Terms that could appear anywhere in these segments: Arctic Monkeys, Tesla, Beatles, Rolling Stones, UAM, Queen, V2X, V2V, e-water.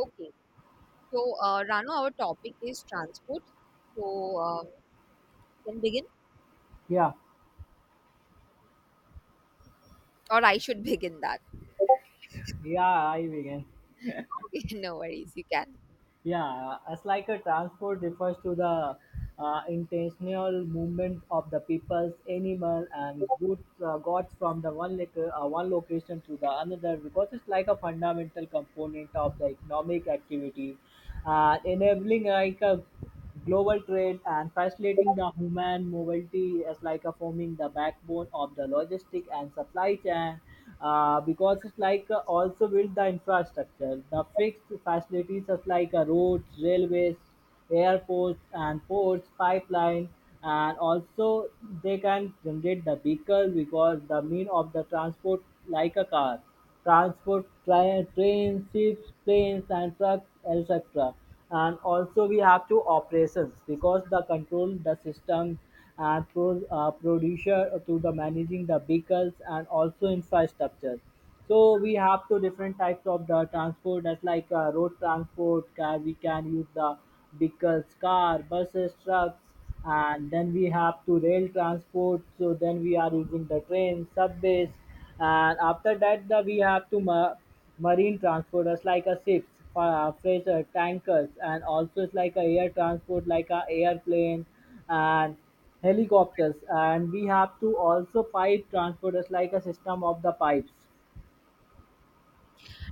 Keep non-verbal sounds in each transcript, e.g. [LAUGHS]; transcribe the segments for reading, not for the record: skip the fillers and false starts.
Okay. So, Rano, our topic is transport. So, uh, can begin, Yeah, or I should begin that. [LAUGHS] yeah, I begin. Okay, no worries, you can. Yeah, as like a transport refers to the intentional movement of the people's animal and goods, goods from the one one location to the another, because it's like a fundamental component of the economic activity, enabling like a global trade and facilitating the human mobility is like a forming the backbone of the logistic and supply chain, because it's like also build the infrastructure, the fixed facilities such like roads, railways, airports and ports, pipeline, and also they can generate the vehicle because the mean of the transport like a car transport, trains, ships, planes, and trucks, etc. And also we have to operations because the control the system and producer to the managing the vehicles and also infrastructure. So we have two different types of the transport. That's like road transport, car, we can use the vehicles, car, buses, trucks, and then we have to rail transport, so then we are using the train, subways. And after that the we have to marine transporters like a ships, freighter, tankers. And also it's like a air transport like a airplane and helicopters. And we have to also pipe transporters like a system of the pipes.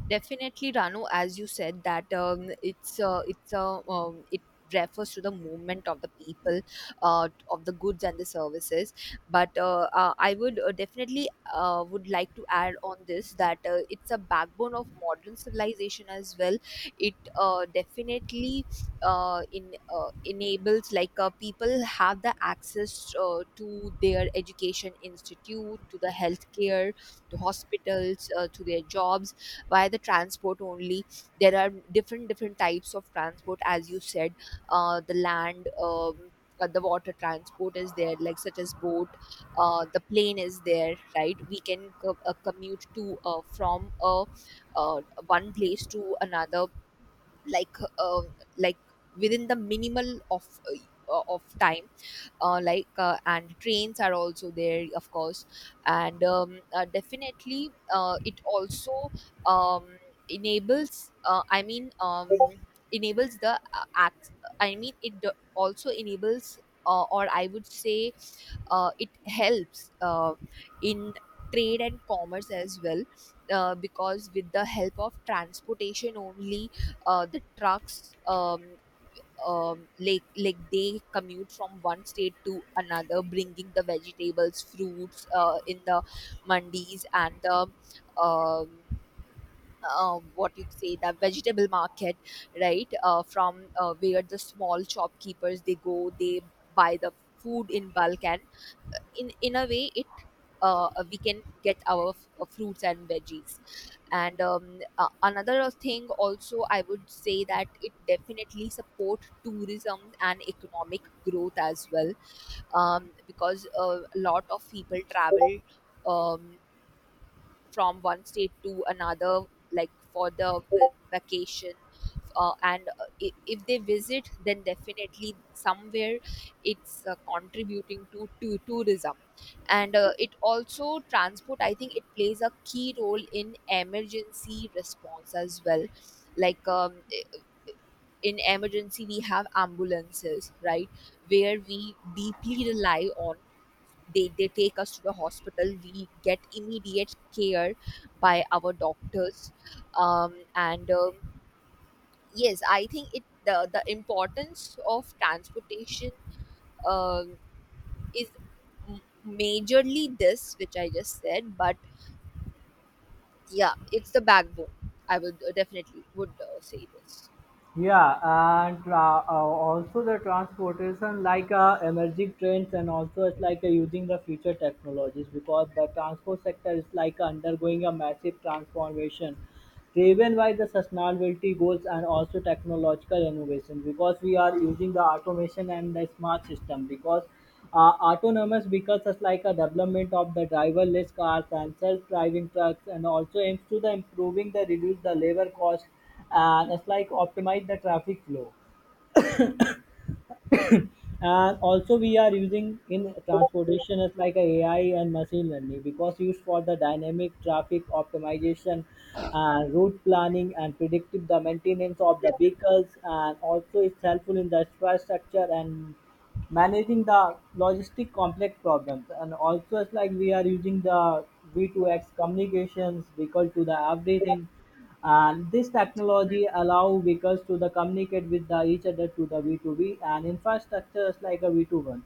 Definitely, Ranu, as you said, that it refers to the movement of the people, of the goods and the services, but I would definitely would like to add on this that it's a backbone of modern civilization as well. It, definitely, in enables like, people have the access, to their education institute, to the healthcare, to hospitals, to their jobs. Why the transport only, there are different different types of transport, as you said. Uh, the land, the water transport is there, like such as boat. Uh, the plane is there, right? We can commute to from uh, one place to another, like uh, like within the minimal of time, and trains are also there, of course. And definitely it also um, enables, I mean, enables the I mean, it also enables, or I would say, it helps in trade and commerce as well, because with the help of transportation only, the trucks, they commute from one state to another, bringing the vegetables, fruits, in the mandis and the, um, what you say, the vegetable market, right? From where the small shopkeepers, they go, they buy the food in bulk, and in a way it, we can get our fruits and veggies. And another thing also, I would say, that it definitely support tourism and economic growth as well, because a lot of people travel, um, from one state to another, like for the vacation. And if they visit, then definitely somewhere it's contributing to tourism. And it also transport. I think it plays a key role in emergency response as well. Like, in emergency, we have ambulances, right, where we deeply rely on. They take us to the hospital, we get immediate care by our doctors. And Yes, I think it, the importance of transportation um, is m- majorly this, which I just said. But yeah, it's the backbone, I would definitely would say this. Yeah, and also the transportation, like emerging trends, and also it's like using the future technologies, because the transport sector is like undergoing a massive transformation, driven by the sustainability goals and also technological innovation. Because we are using the automation and the smart system, because autonomous vehicles is like a development of the driverless cars and self-driving trucks, and also aims to the improving the reduce the labor cost and it's like optimize the traffic flow. And also we are using in transportation as like a ai and machine learning, because used for the dynamic traffic optimization and route planning and predictive the maintenance of the vehicles. And also it's helpful in the infrastructure and managing the logistic complex problems. And also it's like we are using the V2X communications, vehicle to the everything, and this technology allow vehicles to the communicate with the each other to the V2V and infrastructures like a V2 one.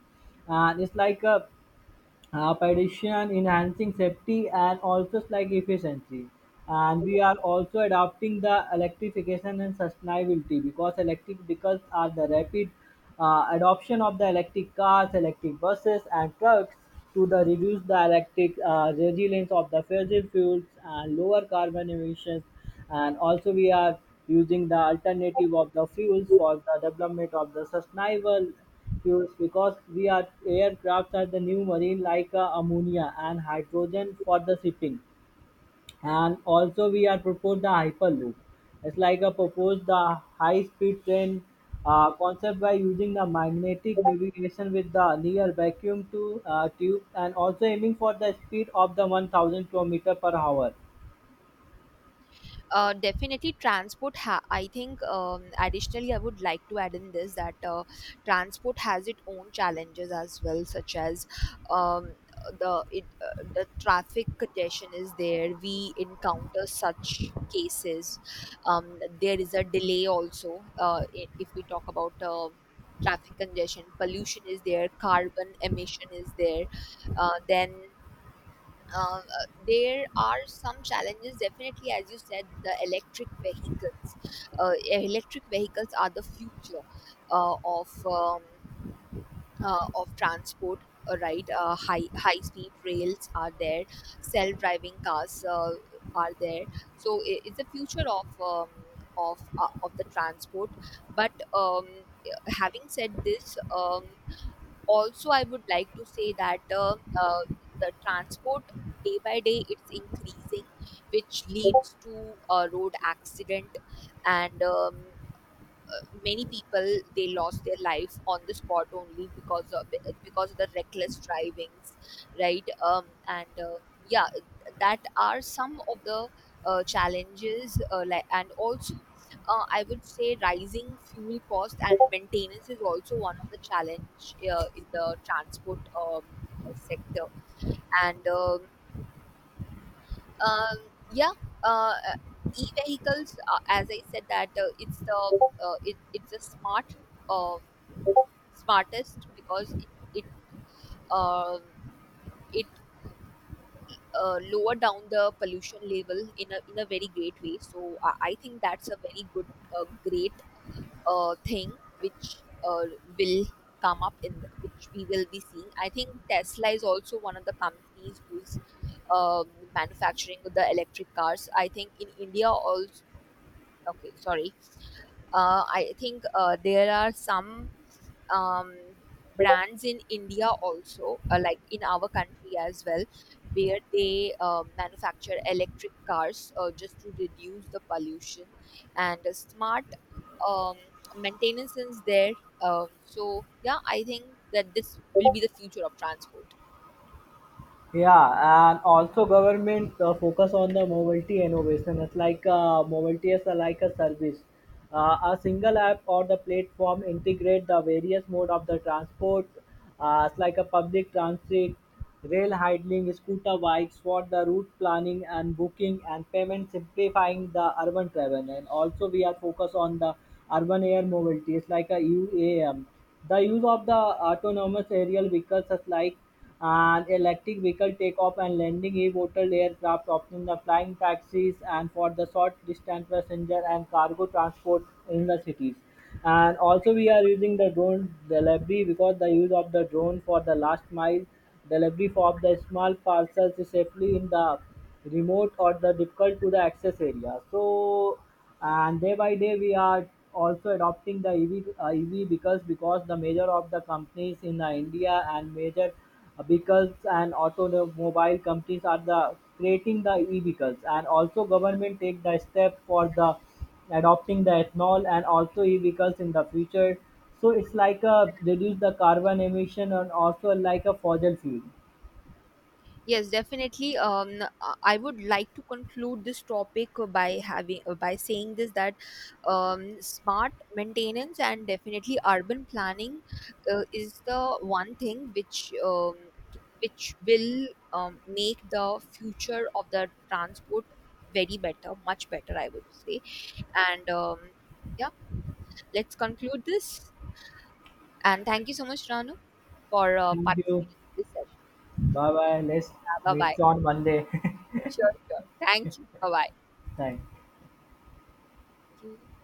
And it's like a Addition enhancing safety and also like efficiency. And we are also adopting the electrification and sustainability, because electric vehicles are the rapid adoption of the electric cars, electric buses and trucks, to the reduce the electric resilience of the fossil fuels and lower carbon emissions. And also we are using the alternative of the fuels for the development of the sustainable fuels, because we are aircrafts are the new marine like ammonia and hydrogen for the shipping. And also we are proposed the hyperloop. It's like a proposed the high speed train concept by using the magnetic navigation with the near vacuum to tube, and also aiming for the speed of the 1,000 kilometer per hour. Definitely transport I think, additionally, I would like to add in this that transport has its own challenges as well, such as, um, the it, the traffic congestion is there, we encounter such cases. There is a delay also. If we talk about, traffic congestion, pollution is there, carbon emission is there, then there are some challenges. Definitely, as you said, the electric vehicles, electric vehicles are the future uh, of um, of transport, right? High speed rails are there, self driving cars are there. So I, it's the future of of the transport. But having said this, also, I would like to say that the transport, day by day, it's increasing, which leads to road accident. And many people, they lost their life on the spot, only because of, because of the reckless drivings, right? And yeah, that are some of the challenges, and also I would say rising fuel cost and maintenance is also one of the challenge in the transport, sector. And um, yeah. uh, uh, E-vehicles, as I said, that it's the smart, um, smartest, because it, it, um, it lower down the pollution level in a very great way. So I think that's a very good great thing which will come up in the, which we will be seeing. I think Tesla is also one of the companies who is manufacturing the electric cars. I think in India also. Okay, sorry. I think there are some um, brands in India also, like in our country as well, where they manufacture electric cars just to reduce the pollution. And smart um, maintenance is there. So yeah, I think that this will be the future of transport. Yeah, and also government focus on the mobility innovation. It's like mobility is like a service. A single app or the platform integrate the various mode of the transport. It's like a public transit, rail hailing, scooter bikes for the route planning and booking and payment, simplifying the urban travel. And also we are focused on the urban air mobility. It's like a UAM. The use of the autonomous aerial vehicles is like an electric vehicle takeoff and landing, e-water aircraft, opting the flying taxis and for the short distance passenger and cargo transport in the cities. And also we are using the drone delivery, because the use of the drone for the last mile delivery of the small parcels safely in the remote or the difficult to the access area. So, and day by day we are also adopting the EV, EV because the major of the companies in the India, and major vehicles and automobile companies are the creating the e-vehicles. And also government take the step for the adopting the ethanol and also e-vehicles in the future. So it's like a reduce the carbon emission and also like a fossil fuel. Yes, definitely. I would like to conclude this topic by saying this that smart maintenance and definitely urban planning is the one thing which will make the future of the transport very better, much better, I would say. And Yeah, let's conclude this. And thank you so much, Ranu, for Thank you. participating in this session. Bye bye. Let's Bye bye. meet on Monday. Sure, sure. Thank you. Bye [LAUGHS] Thanks. bye.